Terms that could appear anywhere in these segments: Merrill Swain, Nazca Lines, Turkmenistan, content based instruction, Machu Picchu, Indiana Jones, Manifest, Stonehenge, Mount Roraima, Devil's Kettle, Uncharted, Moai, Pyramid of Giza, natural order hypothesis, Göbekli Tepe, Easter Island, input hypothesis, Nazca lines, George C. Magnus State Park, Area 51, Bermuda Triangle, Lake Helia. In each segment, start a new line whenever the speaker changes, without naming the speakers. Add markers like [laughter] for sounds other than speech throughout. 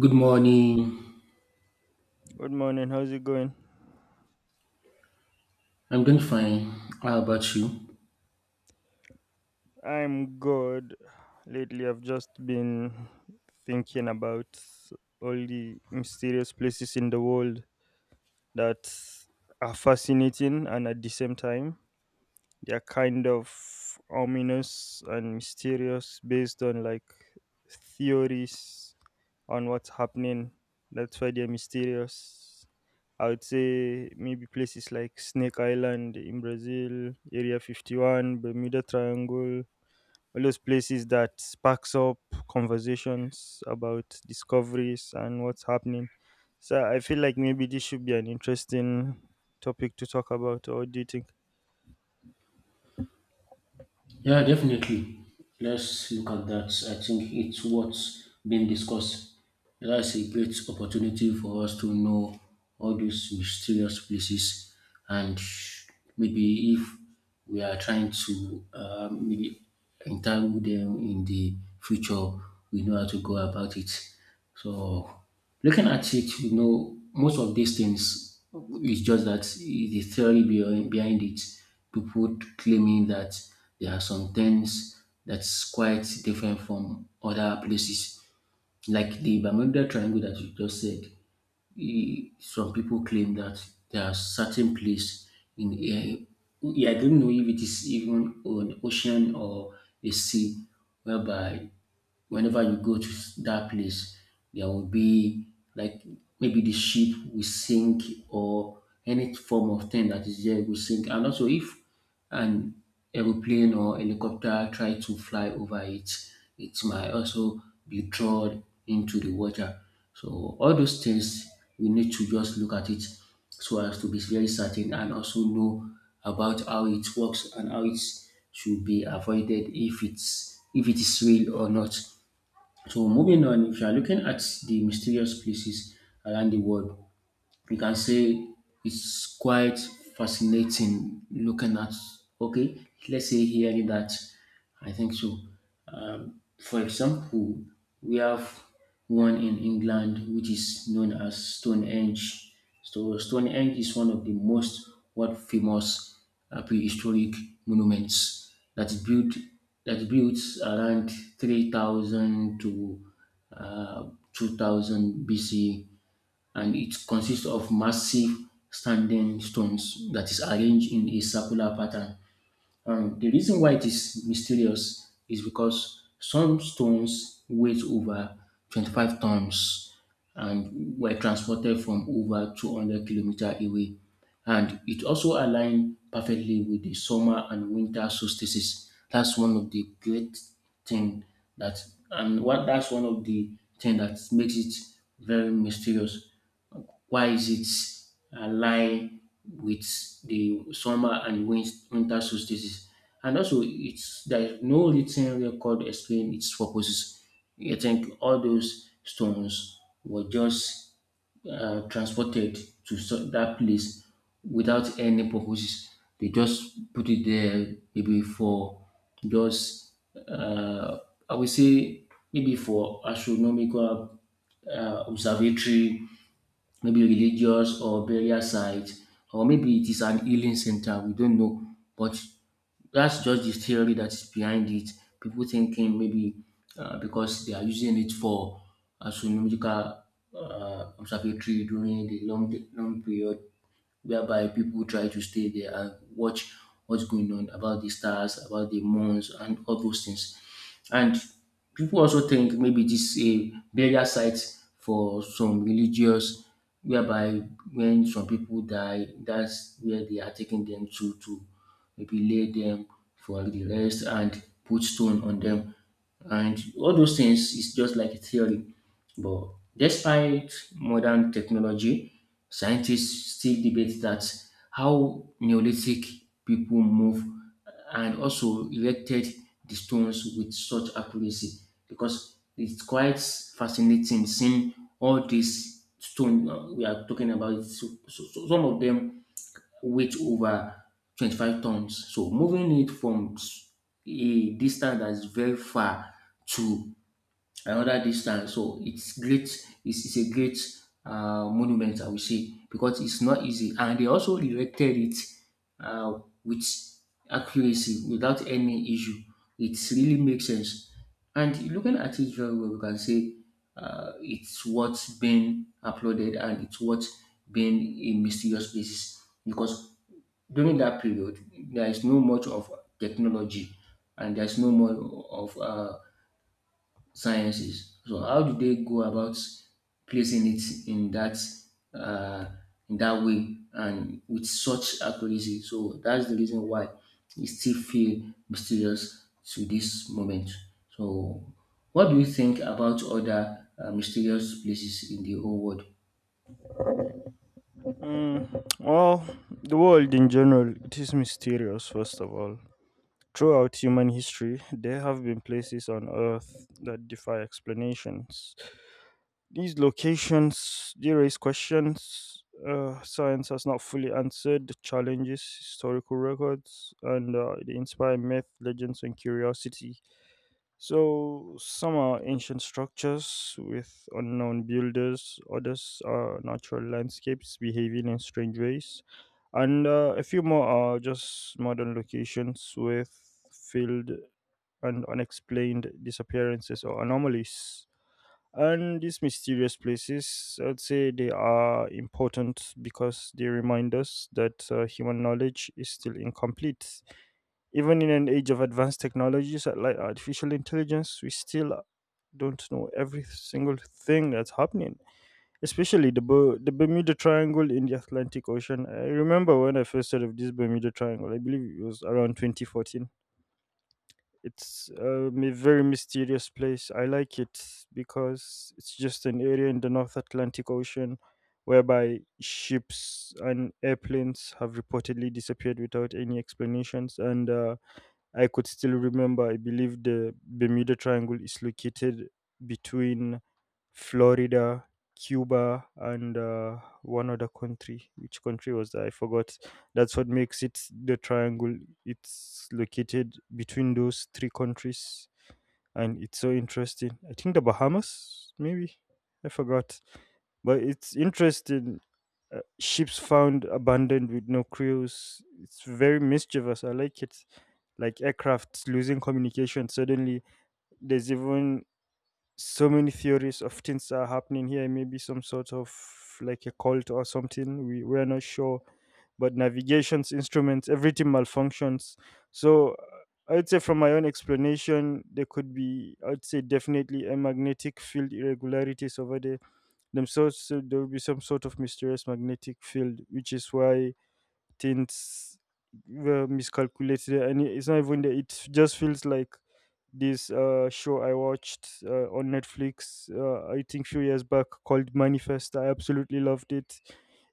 Good morning.
Good morning. How's it going?
I'm doing fine. How about you?
I'm good. Lately, I've just been thinking about all the mysterious places in the world that are fascinating and at the same time they're kind of ominous and mysterious based on like theories on what's happening. That's why they're mysterious. I would say maybe places like Snake Island in Brazil, Area 51, Bermuda Triangle, all those places that sparks up conversations about discoveries and what's happening. So I feel like maybe this should be an interesting topic to talk about, or what do you think?
Yeah, definitely. Let's look at that. I think it's what's being discussed. That's a great opportunity for us to know all these mysterious places, and maybe if we are trying to maybe entangle them in the future, we know how to go about it. So looking at it, most of these things is just that the theory behind it. People claiming that there are some things that's quite different from other places, like the Bermuda Triangle that you just said. Some people claim that there are certain place in a yeah, I don't know if it is even an ocean or a sea, whereby whenever you go to that place, there will be like maybe the ship will sink or any form of thing that is there will sink. And also, if an aeroplane or helicopter try to fly over it, it might also be drawn into the water. So all those things we need to just look at it so as to be very certain and also know about how it works and how it should be avoided if it is real or not. So moving on, if you are looking at the mysterious places around the world, you can say it's quite fascinating looking at okay let's say hearing that I think so, for example we have one in England which is known as Stonehenge. So Stonehenge is one of the most what famous prehistoric monuments that is built around 3000 to uh, 2000 BC, and it consists of massive standing stones that is arranged in a circular pattern. The reason why it is mysterious is because some stones weighed over 25 tons and were transported from over 200 kilometer away. And it also aligned perfectly with the summer and winter solstices. That's one of the great thing that, and what that's one of the thing that makes it very mysterious. Why is it align with the summer and winter solstices? And also, it's there is no written record explain its purposes. I think all those stones were just transported to that place without any purposes. They just put it there maybe for just, uh, I would say maybe for astronomical observatory, maybe religious or burial site, or maybe it is an healing center. We don't know, but that's just the theory that's behind it. People thinking maybe because they are using it for astronomical observatory during the long period whereby people try to stay there and watch what's going on about the stars, about the moons, and all those things. And people also think maybe this is a burial site for some religious, whereby when some people die, that's where they are taking them to maybe lay them for the rest and put stone on them. And all those things is just like a theory. But despite modern technology, scientists still debate that how Neolithic people move and also erected the stones with such accuracy because it's quite fascinating seeing all these stone we are talking about. So some of them weight over 25 tons. So moving it from a distance that's very far to another distance. So it's great. It's a great monument, I will say, because it's not easy. And they also erected it uh, with accuracy, without any issue. It really makes sense. And looking at it very well, we can say it's what's been applauded and it's what's been a mysterious basis because during that period there is no much of technology and there's no more of sciences. So how do they go about placing it uh, in that way and with such accuracy? So that's the reason why it still feel mysterious to this moment. So what do you think about other mysterious places in the whole world?
Mm, well, the world in general, it is mysterious, first of all. Throughout human history, there have been places on Earth that defy explanations. These locations, they raise questions, science has not fully answered, challenges historical records, and they inspire myth, legends, and curiosity. So some are ancient structures with unknown builders, others are natural landscapes behaving in strange ways, and a few more are just modern locations with filled and unexplained disappearances or anomalies. And these mysterious places, I'd say they are important because they remind us that human knowledge is still incomplete even in an age of advanced technologies like artificial intelligence. We still don't know every single thing that's happening, especially the Bermuda Triangle in the Atlantic Ocean. I remember when I first heard of this Bermuda Triangle, I believe it was around 2014. It's a very mysterious place. I like it because it's just an area in the North Atlantic Ocean whereby ships and airplanes have reportedly disappeared without any explanations. And I could still remember, I believe the Bermuda Triangle is located between Florida, Cuba, and one other country. Which country was that? I forgot. That's what makes it the triangle. It's located between those three countries and it's so interesting. I think the Bahamas, maybe. I forgot, but it's interesting. Ships found abandoned with no crews. It's very mischievous. I like it. Like aircrafts losing communication suddenly. There's even so many theories of things are happening here. Maybe some sort of like a cult or something. We're not sure, but navigations, instruments, everything malfunctions. So I'd say from my own explanation, there could be, I'd say, definitely a magnetic field irregularities over there themselves. So there will be some sort of mysterious magnetic field, which is why things were miscalculated and it's not even that, it just feels like this show I watched on Netflix. I think few years back, called Manifest. I absolutely loved it.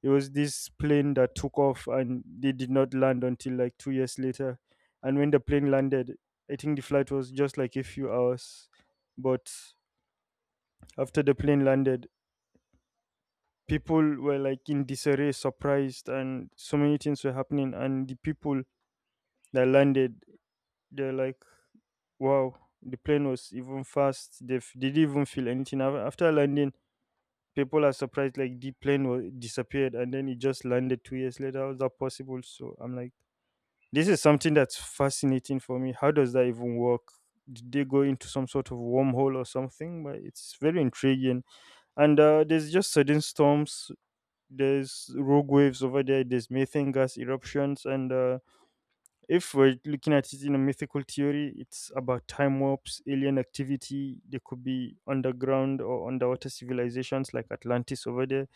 It was this plane that took off and they did not land until like 2 years later, and when the plane landed, I think the flight was just like a few hours, but after the plane landed, people were like in disarray, surprised, and so many things were happening and the people They landed. They're like, wow, the plane was even fast. They didn't even feel anything. After landing, people are surprised, like, the plane was, disappeared, and then it just landed 2 years later. How is that possible? So I'm like, this is something that's fascinating for me. How does that even work? Did they go into some sort of wormhole or something? But it's very intriguing. And there's just sudden storms. There's rogue waves over there. There's methane gas eruptions, and if we're looking at it in a mythical theory, it's about time warps, alien activity. There could be underground or underwater civilizations like Atlantis over there.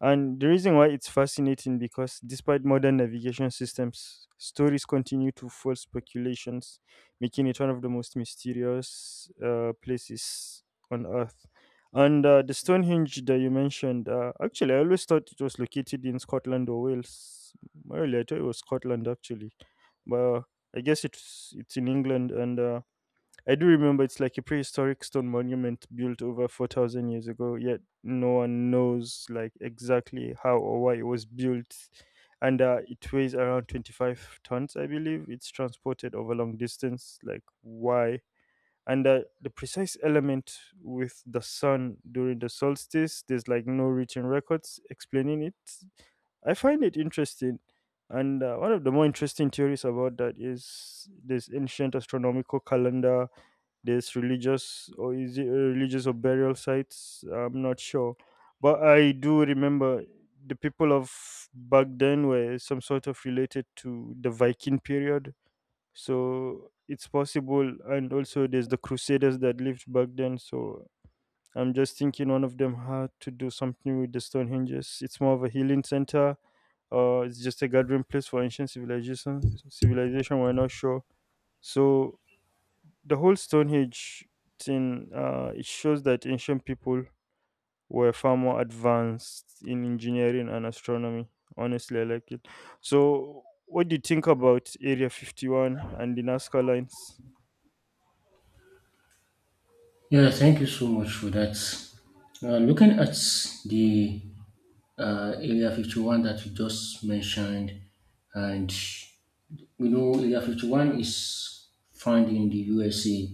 And the reason why it's fascinating because despite modern navigation systems, stories continue to fuel speculations, making it one of the most mysterious places on Earth. And the Stonehenge that you mentioned, actually, I always thought it was located in Scotland or Wales. Well, I thought it was Scotland actually, but I guess it's in England. And I do remember it's like a prehistoric stone monument built over 4,000 years ago, yet no one knows like exactly how or why it was built. And it weighs around 25 tons, I believe. It's transported over long distance. Like, why? And the precise element with the sun during the solstice, there's like no written records explaining it. I find it interesting. And one of the more interesting theories about that is this ancient astronomical calendar. There's religious, or is it religious or burial sites? I'm not sure, but I do remember the people of back then were some sort of related to the Viking period, so it's possible. And also, there's the Crusaders that lived back then, so. I'm just thinking one of them had to do something with the stone hinges. It's more of a healing center or it's just a gathering place for ancient civilization. We're not sure. So the whole Stonehenge thing, it shows that ancient people were far more advanced in engineering and astronomy. Honestly, I like it. So, what do you think about Area 51 and the Nazca lines?
Yeah, thank you so much for that. Looking at the Area 51 that you just mentioned. And we know Area 51 is found in the USA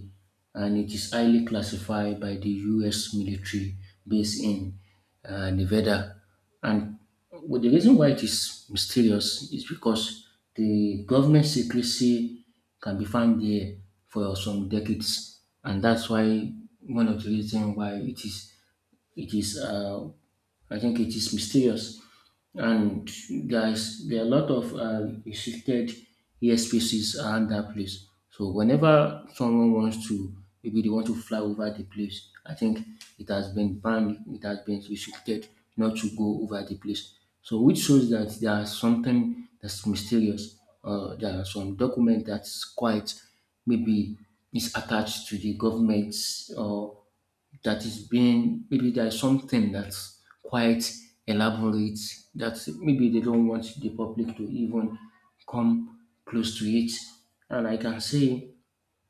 and it is highly classified by the US military based in Nevada. And well, the reason why it is mysterious is because the government secrecy can be found there for some decades. And that's why one of the reasons why it is, I think it is mysterious. And guys, there are a lot of restricted airspaces around that place. So whenever someone wants to, maybe they want to fly over the place, I think it has been banned, it has been restricted not to go over the place. So which shows that there is something that's mysterious. There are some document that's quite maybe is attached to the government or that is being maybe there is something that's quite elaborate that maybe they don't want the public to even come close to it. And I can say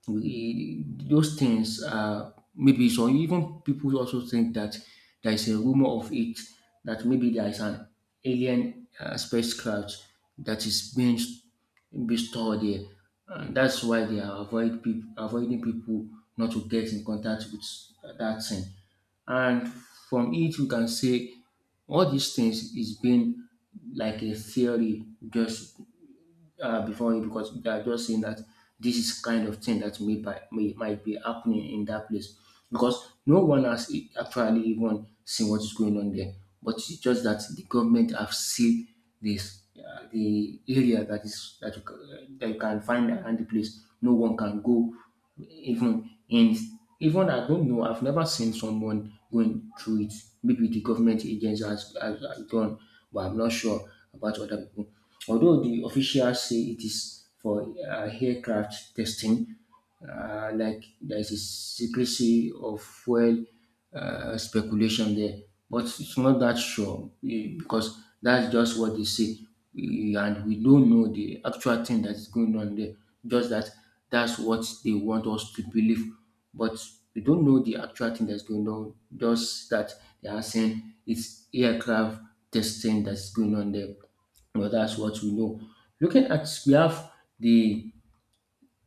those things are maybe so even people also think that there is a rumor of it that maybe there is an alien spacecraft that is being be stored there, and that's why they are avoiding people not to get in contact with that thing. And from it we can say all these things is being like a theory just before you because they are just saying that this is kind of thing that may, by, may might be happening in that place because no one has actually even seen what is going on there. But it's just that the government have seen this the area that is that that you can find around the place. No one can go even in even I don't know. I've never seen someone going through it. Maybe the government agents has gone, but I'm not sure about other people, although the officials say it is for aircraft testing, like there's a secrecy of fuel speculation there, but it's not that sure because that's just what they say. And we don't know the actual thing that's going on there. Just that that's what they want us to believe, but we don't know the actual thing that's going on. Just that they are saying it's aircraft testing that's going on there. Well, that's what we know. Looking at, we have the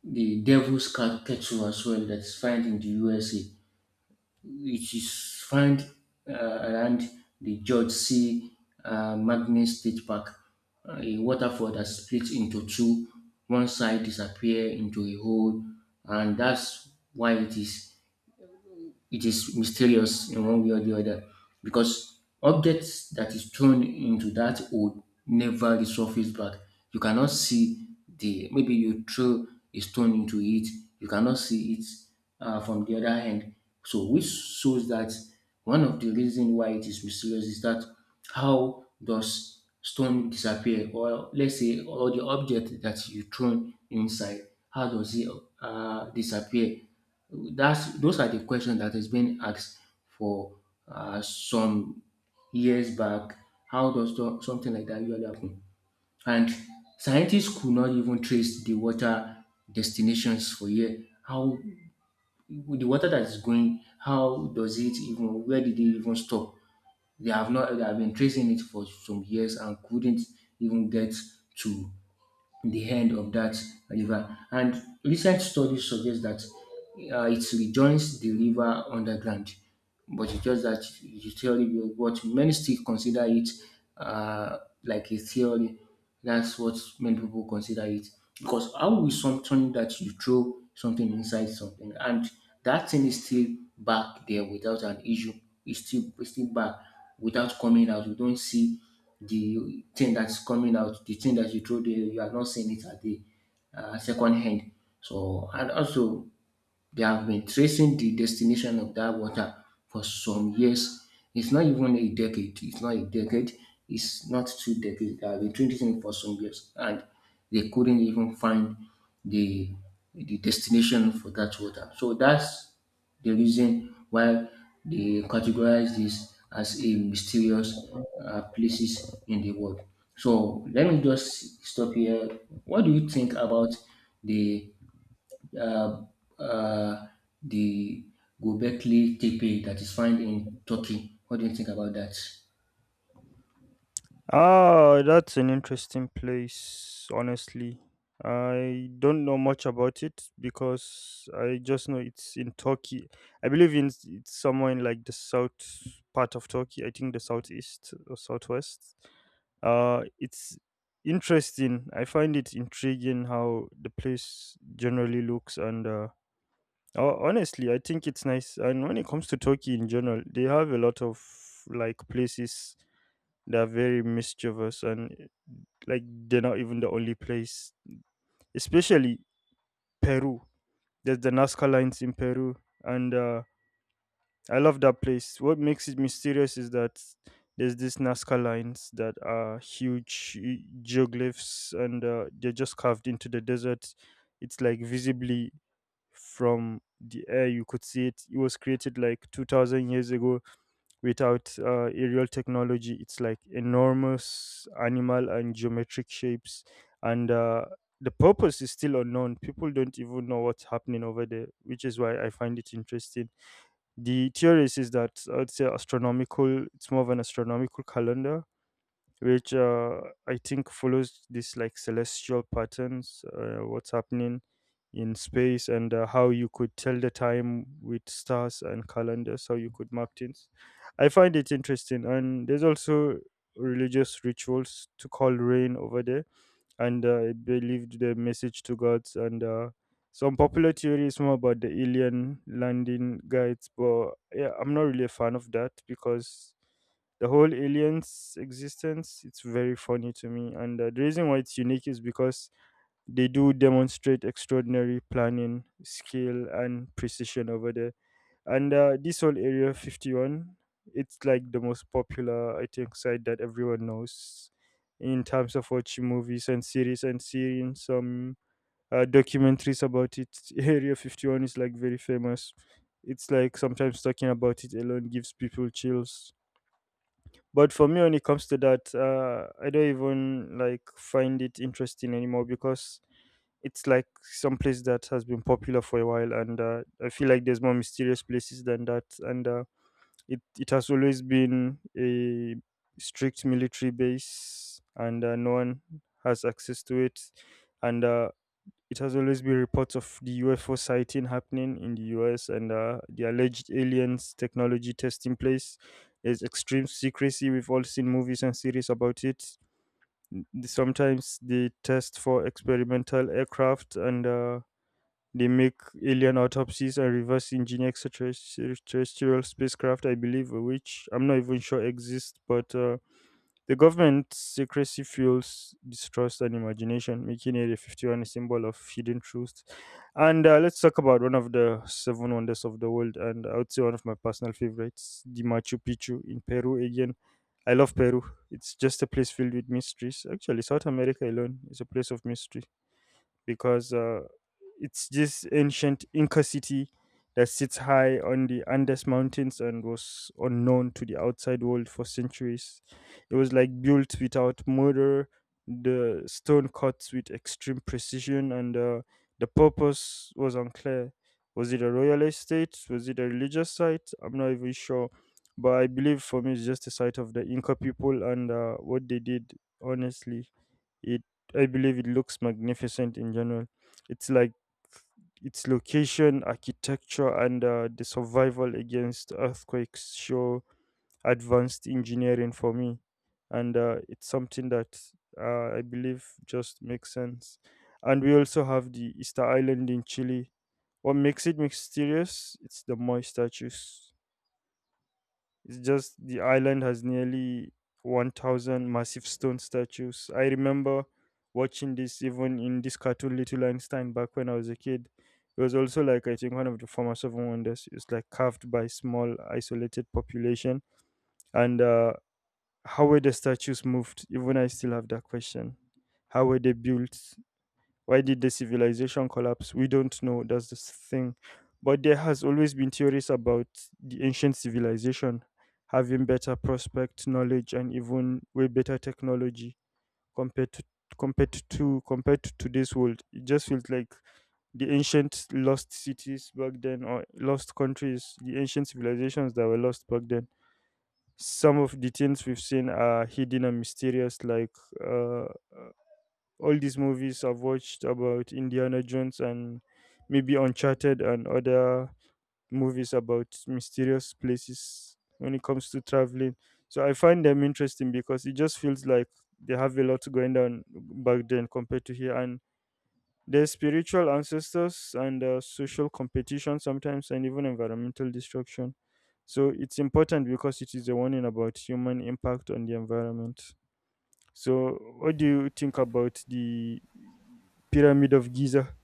the devil's cat kettle as well that's found in the USA. It is found around the George C. Magnus State Park. A waterfall that splits into two. One side disappear into a hole, and that's why it is mysterious in one way or the other because objects that is thrown into that hole never resurface back. You cannot see the maybe you throw a stone into it, you cannot see it from the other end. So which shows that one of the reason why it is mysterious is that how does stone disappear or let's say all the object that you thrown inside, how does it disappear? That's those are the questions that is being asked for some years back. How does something like that usually happen? And scientists could not even trace the water destinations for year. How the water that is going? How does it even? Where did it even stop? They have not. They have been tracing it for some years and couldn't even get to the end of that river. And recent studies suggest that it rejoins the river underground, but it's just that the theory, what many still consider it uh, like a theory. That's what many people consider it. Because how will something that you throw something inside something and that thing is still back there without an issue? It's still back without coming out. You don't see the thing that's coming out, the thing that you throw there, you are not seeing it at the second hand. So and also they have been tracing the destination of that water for some years. It's not even a decade. It's not a decade. It's not two decades. They have been tracing it for some years, and they couldn't even find the the destination for that water. So that's the reason why they categorize this as a mysterious places in the world. So let me just stop here. What do you think about the uh, uh, the Göbekli Tepe that is found in Turkey? What do you think about that? [laughs]
Ah, that's an interesting place, honestly. I don't know much about it because I just know it's in Turkey. I believe in it's somewhere in like the south part of Turkey. I think the southeast or southwest. It's interesting. I find it intriguing how the place generally looks, and oh, honestly, I think it's nice. And when it comes to Turkey in general, they have a lot of like places that are very mischievous and like they're not even the only place, especially Peru. There's the Nazca Lines in Peru, and I love that place. What makes it mysterious is that there's these Nazca lines that are huge geoglyphs, and they're just carved into the desert. It's like visibly from the air you could see it. It was created like 2000 years ago without aerial technology. It's like enormous animal and geometric shapes, and the purpose is still unknown. People don't even know what's happening over there, which is why I find it interesting. The theory is that, I'd say, astronomical. It's more of an astronomical calendar, which, I think, follows this like celestial patterns, what's happening in space, and how you could tell the time with stars and calendars, how you could map things. I find it interesting, and there's also religious rituals to call rain over there, and it believed the message to gods. And some popular theories more about the alien landing guides, but yeah, I'm not really a fan of that because the whole aliens existence it's very funny to me. And the reason why it's unique is because they do demonstrate extraordinary planning, skill, and precision over there. And this whole area 51, it's like the most popular, I think, site that everyone knows in terms of watching movies and series and seeing some documentaries about it. [laughs] Area 51 is like very famous. It's like sometimes talking about it alone gives people chills. But for me, when it comes to that, I don't even like find it interesting anymore because it's like some place that has been popular for a while, and I feel like there's more mysterious places than that. And uh, it has always been a strict military base, and no one has access to it. And it has always been reports of the UFO sighting happening in the US and the alleged aliens technology testing place. There's extreme secrecy. We've all seen movies and series about it. Sometimes they test for experimental aircraft, and they make alien autopsies and reverse engineer extraterrestrial spacecraft, I believe, which I'm not even sure exist. But the government's secrecy fuels distrust and imagination, making Area 51 a symbol of hidden truth. And let's talk about one of the seven wonders of the world, and I would say one of my personal favorites, the Machu Picchu in Peru again. I love Peru. It's just a place filled with mysteries. Actually, South America alone is a place of mysteries because it's this ancient Inca city that sits high on the Andes Mountains and was unknown to the outside world for centuries. It was like built without mortar, the stone cuts with extreme precision, and the purpose was unclear. Was it a royal estate? Was it a religious site? I'm not even sure. But I believe for me, it's just a site of the Inca people and what they did, honestly. It I believe it looks magnificent in general. It's like its location, architecture, and the survival against earthquakes show advanced engineering for me. And it's something that, I believe, just makes sense. And we also have the Easter Island in Chile. What makes it mysterious? It's the moist statues. It's just the island has nearly 1,000 massive stone statues. I remember watching this even in this cartoon Little Einstein back when I was a kid. It was also like I think one of the former seven wonders. It's like carved by small isolated population. And how were the statues moved? Even I still have that question. How were they built? Why did the civilization collapse? We don't know. That's the thing. But there has always been theories about the ancient civilization having better prospect knowledge and even way better technology compared to compared to today's world. It just feels like the ancient lost cities back then or lost countries, the ancient civilizations that were lost back then. Some of the things we've seen are hidden and mysterious, like uh, all these movies I've watched about Indiana Jones and maybe Uncharted and other movies about mysterious places when it comes to traveling. So I find them interesting because it just feels like they have a lot going down back then compared to here. And there's spiritual ancestors and social competition sometimes, and even environmental destruction. So it's important because it is a warning about human impact on the environment. So, what do you think about the Pyramid of Giza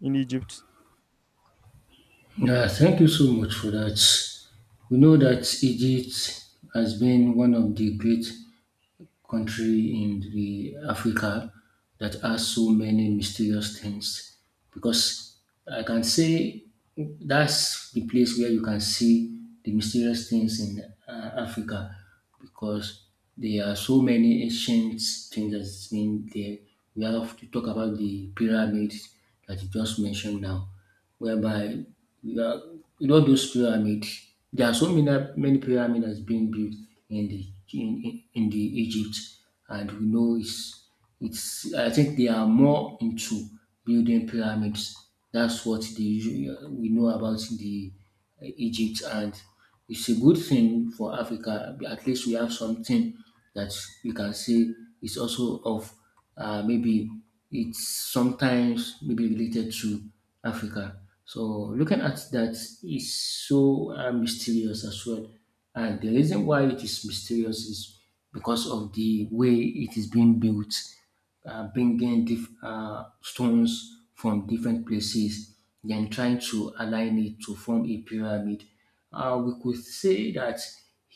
in Egypt?
Yeah, thank you so much for that. We know that Egypt has been one of the great country in the Africa that has so many mysterious things because I can say that's the place where you can see the mysterious things in Africa because there are so many ancient things that's been there. We have to talk about the pyramids that you just mentioned now, whereby you are you know those pyramid, there are so many pyramid has been built in the in the Egypt. And we know it's I think they are more into building pyramids. That's what they we know about the Egypt, and it's a good thing for Africa. At least we have something that we can say is also of, maybe, it's sometimes maybe related to Africa. So looking at that is so mysterious as well, and the reason why it is mysterious is because of the way it is being built, bringing stones from different places, then trying to align it to form a pyramid. We could say, that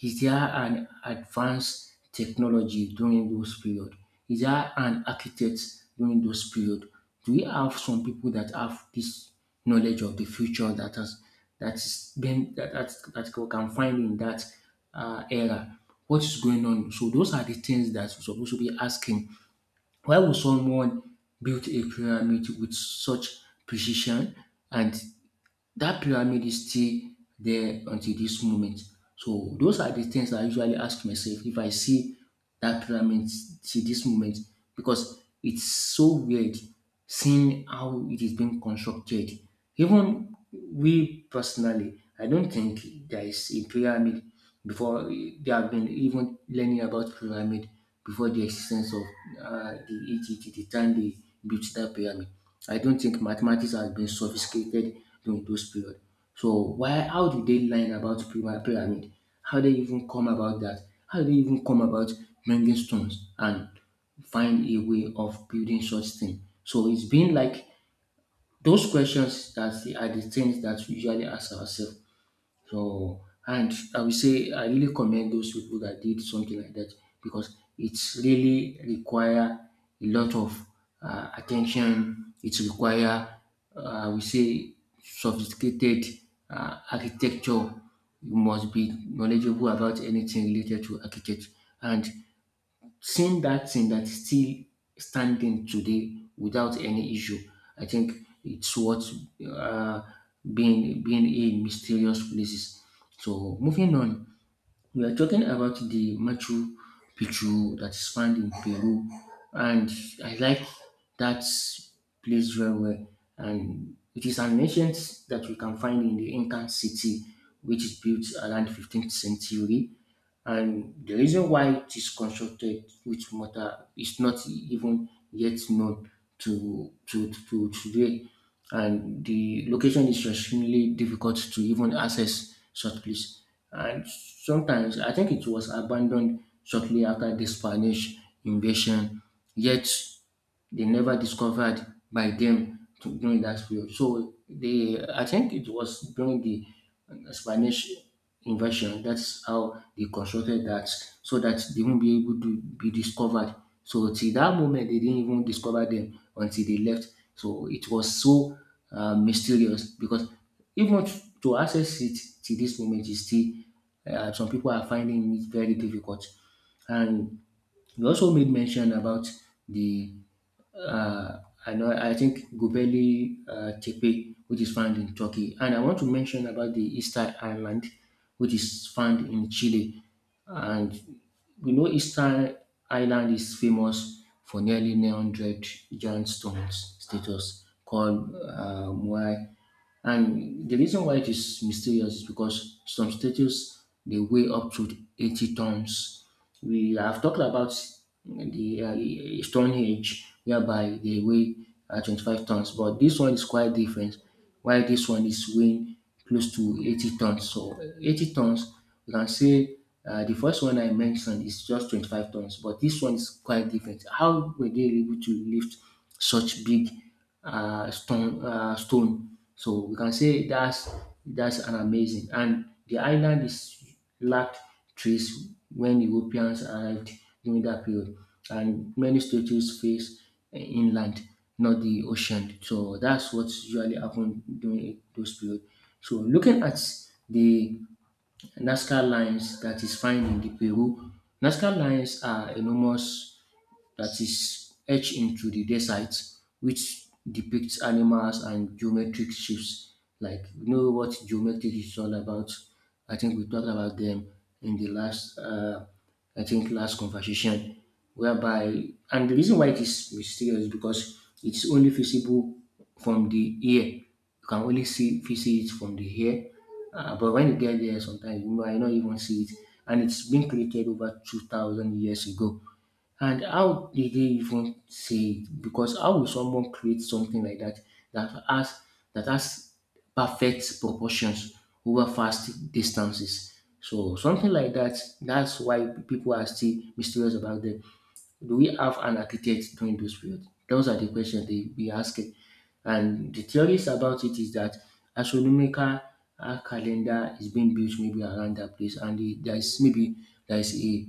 is there an advanced technology during those period? Is there an architect during those period? Do we have some people that have this knowledge of the future that has that's been that that, that we can find in that era? What is going on? So those are the things that we're supposed to be asking, why would someone build a pyramid with such precision, and that pyramid is still there until this moment? So those are the things I usually ask myself if I see that pyramid till this moment, because it's so weird seeing how it is being constructed. Even we personally, I don't think there is a pyramid before they have been even learning about pyramid, before the existence of the Egypt, the time they built that pyramid. I don't think mathematics has been sophisticated during those period. So why, how did they learn about pyramid? How they even come about that? How they even come about bringing stones and find a way of building such thing? So it's been like those questions that are the things that we usually ask ourselves. So, and I will say I really commend those people that did something like that, because it's really require a lot of attention. It require, I say, sophisticated architecture. You must be knowledgeable about anything related to architecture, and seeing that thing that is still standing today without any issue, I think it's what, uh, being in mysterious places. So moving on, we are talking about the Machu Picchu that is found in Peru, and I like that place very well. And it is an ancient that we can find in the Incan city, which is built around 15th century, and the reason why it is constructed with mortar is not even yet known to today. And the location is extremely difficult to even access such place. And sometimes I think it was abandoned shortly after the Spanish invasion. Yet they never discovered by them during that period. So they, I think it was during the Spanish invasion. That's how they constructed that, so that they won't be able to be discovered. So till that moment, they didn't even discover them until they left. So it was so mysterious, because even to access it till this moment is still, some people are finding it very difficult. And you also made mention about the, uh, I know I think Gubeli Tepe, which is found in Turkey, and I want to mention about the Easter Island, which is found in Chile. And we know Easter Island is famous for nearly 900 giant stones status called Muay, and the reason why it is mysterious is because some statues they weigh up to 80 tons. We have talked about the Stonehenge, whereby they weigh 25 tons, but this one is quite different. Why this one is weighing close to 80 tons? So, 80 tons, you can say, the first one I mentioned is just 25 tons, but this one is quite different. How were they able to lift such big stone. So we can say that's an amazing. And the island is lacked trees when Europeans arrived during that period, and many statues face inland, not the ocean. So that's what usually happened during those period. So looking at the Nazca lines that is found in the Peru, Nazca lines are enormous that is etched into the desert, which depicts animals and geometric shapes. Like, you know what geometric is all about? I think we talked about them in the last, I think, last conversation. Whereby, and the reason why it is mysterious is because it's only visible from the air. You can only see it from the air. But when you get there, sometimes you might not even see it. And it's been created over 2,000 years ago. And how did they even say it? Because how will someone create something like that that has that has perfect proportions over fast distances? So something like that, that's why people are still mysterious about them. Do we have an architect during those periods? Those are the questions they be asking. And the theories about it is that astronomical calendar is being built maybe around that place, and the, there is a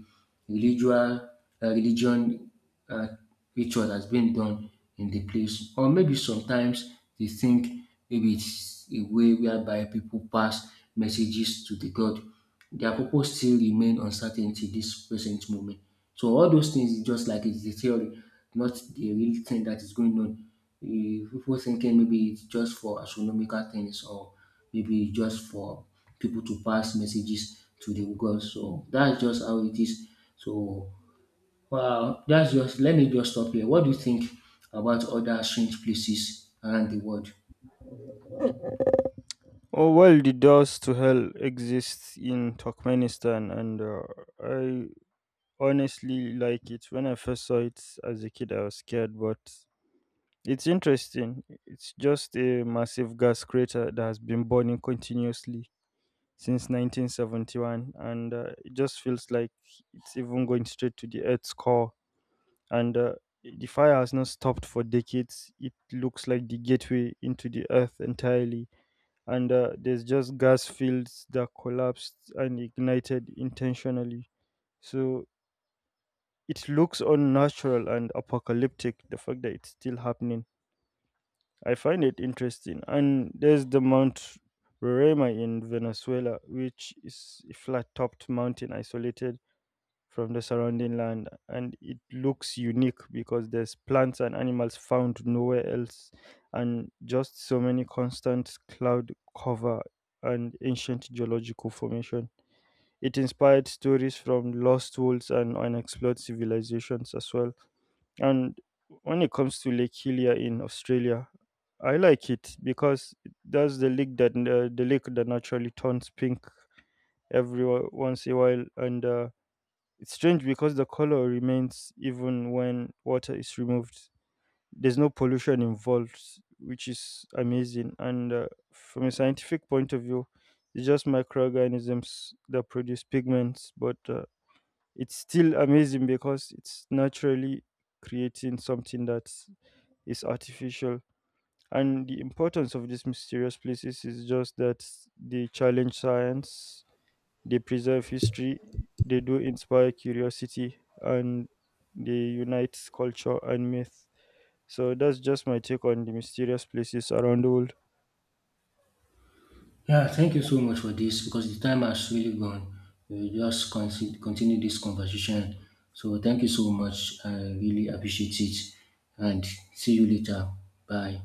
religious, religion uh, ritual that's been done in the place. Or maybe sometimes they think maybe it's a way whereby people pass messages to the god. Their purpose still remain uncertain till this present moment. So all those things is just like it's the theory, not the real thing that is going on. People thinking maybe it's just for astronomical things or maybe just for people to pass messages to the gods. So that's just how it is. So, wow, that's just, let me just stop here. What do you think about other strange places around the world?
Oh well, the doors to hell exist in Turkmenistan, and I honestly like it. When I first saw it as a kid, I was scared, but it's interesting. It's just a massive gas crater that has been burning continuously since 1971, and it just feels like it's even going straight to the Earth's core. And the fire has not stopped for decades. It looks like the gateway into the Earth entirely, and there's just gas fields that collapsed and ignited intentionally. So it looks unnatural and apocalyptic, the fact that it's still happening. I find it interesting. And there's the Mount Roraima in Venezuela, which is a flat topped mountain isolated from the surrounding land, and it looks unique because there's plants and animals found nowhere else, and just so many constant cloud cover and ancient geological formation. It inspired stories from lost worlds and unexplored civilizations as well. And when it comes to Lake Helia in Australia, I like it because that's the lake that, the lake that naturally turns pink every once in a while, and it's strange because the color remains even when water is removed. There's no pollution involved, which is amazing. And from a scientific point of view, it's just microorganisms that produce pigments, but it's still amazing because it's naturally creating something that is artificial. And the importance of these mysterious places is just that they challenge science, they preserve history, they do inspire curiosity, and they unite culture and myth. So that's just my take on the mysterious places around the world.
Yeah, thank you so much for this, because the time has really gone. We'll just continue this conversation. So thank you so much. I really appreciate it. And see you later. Bye.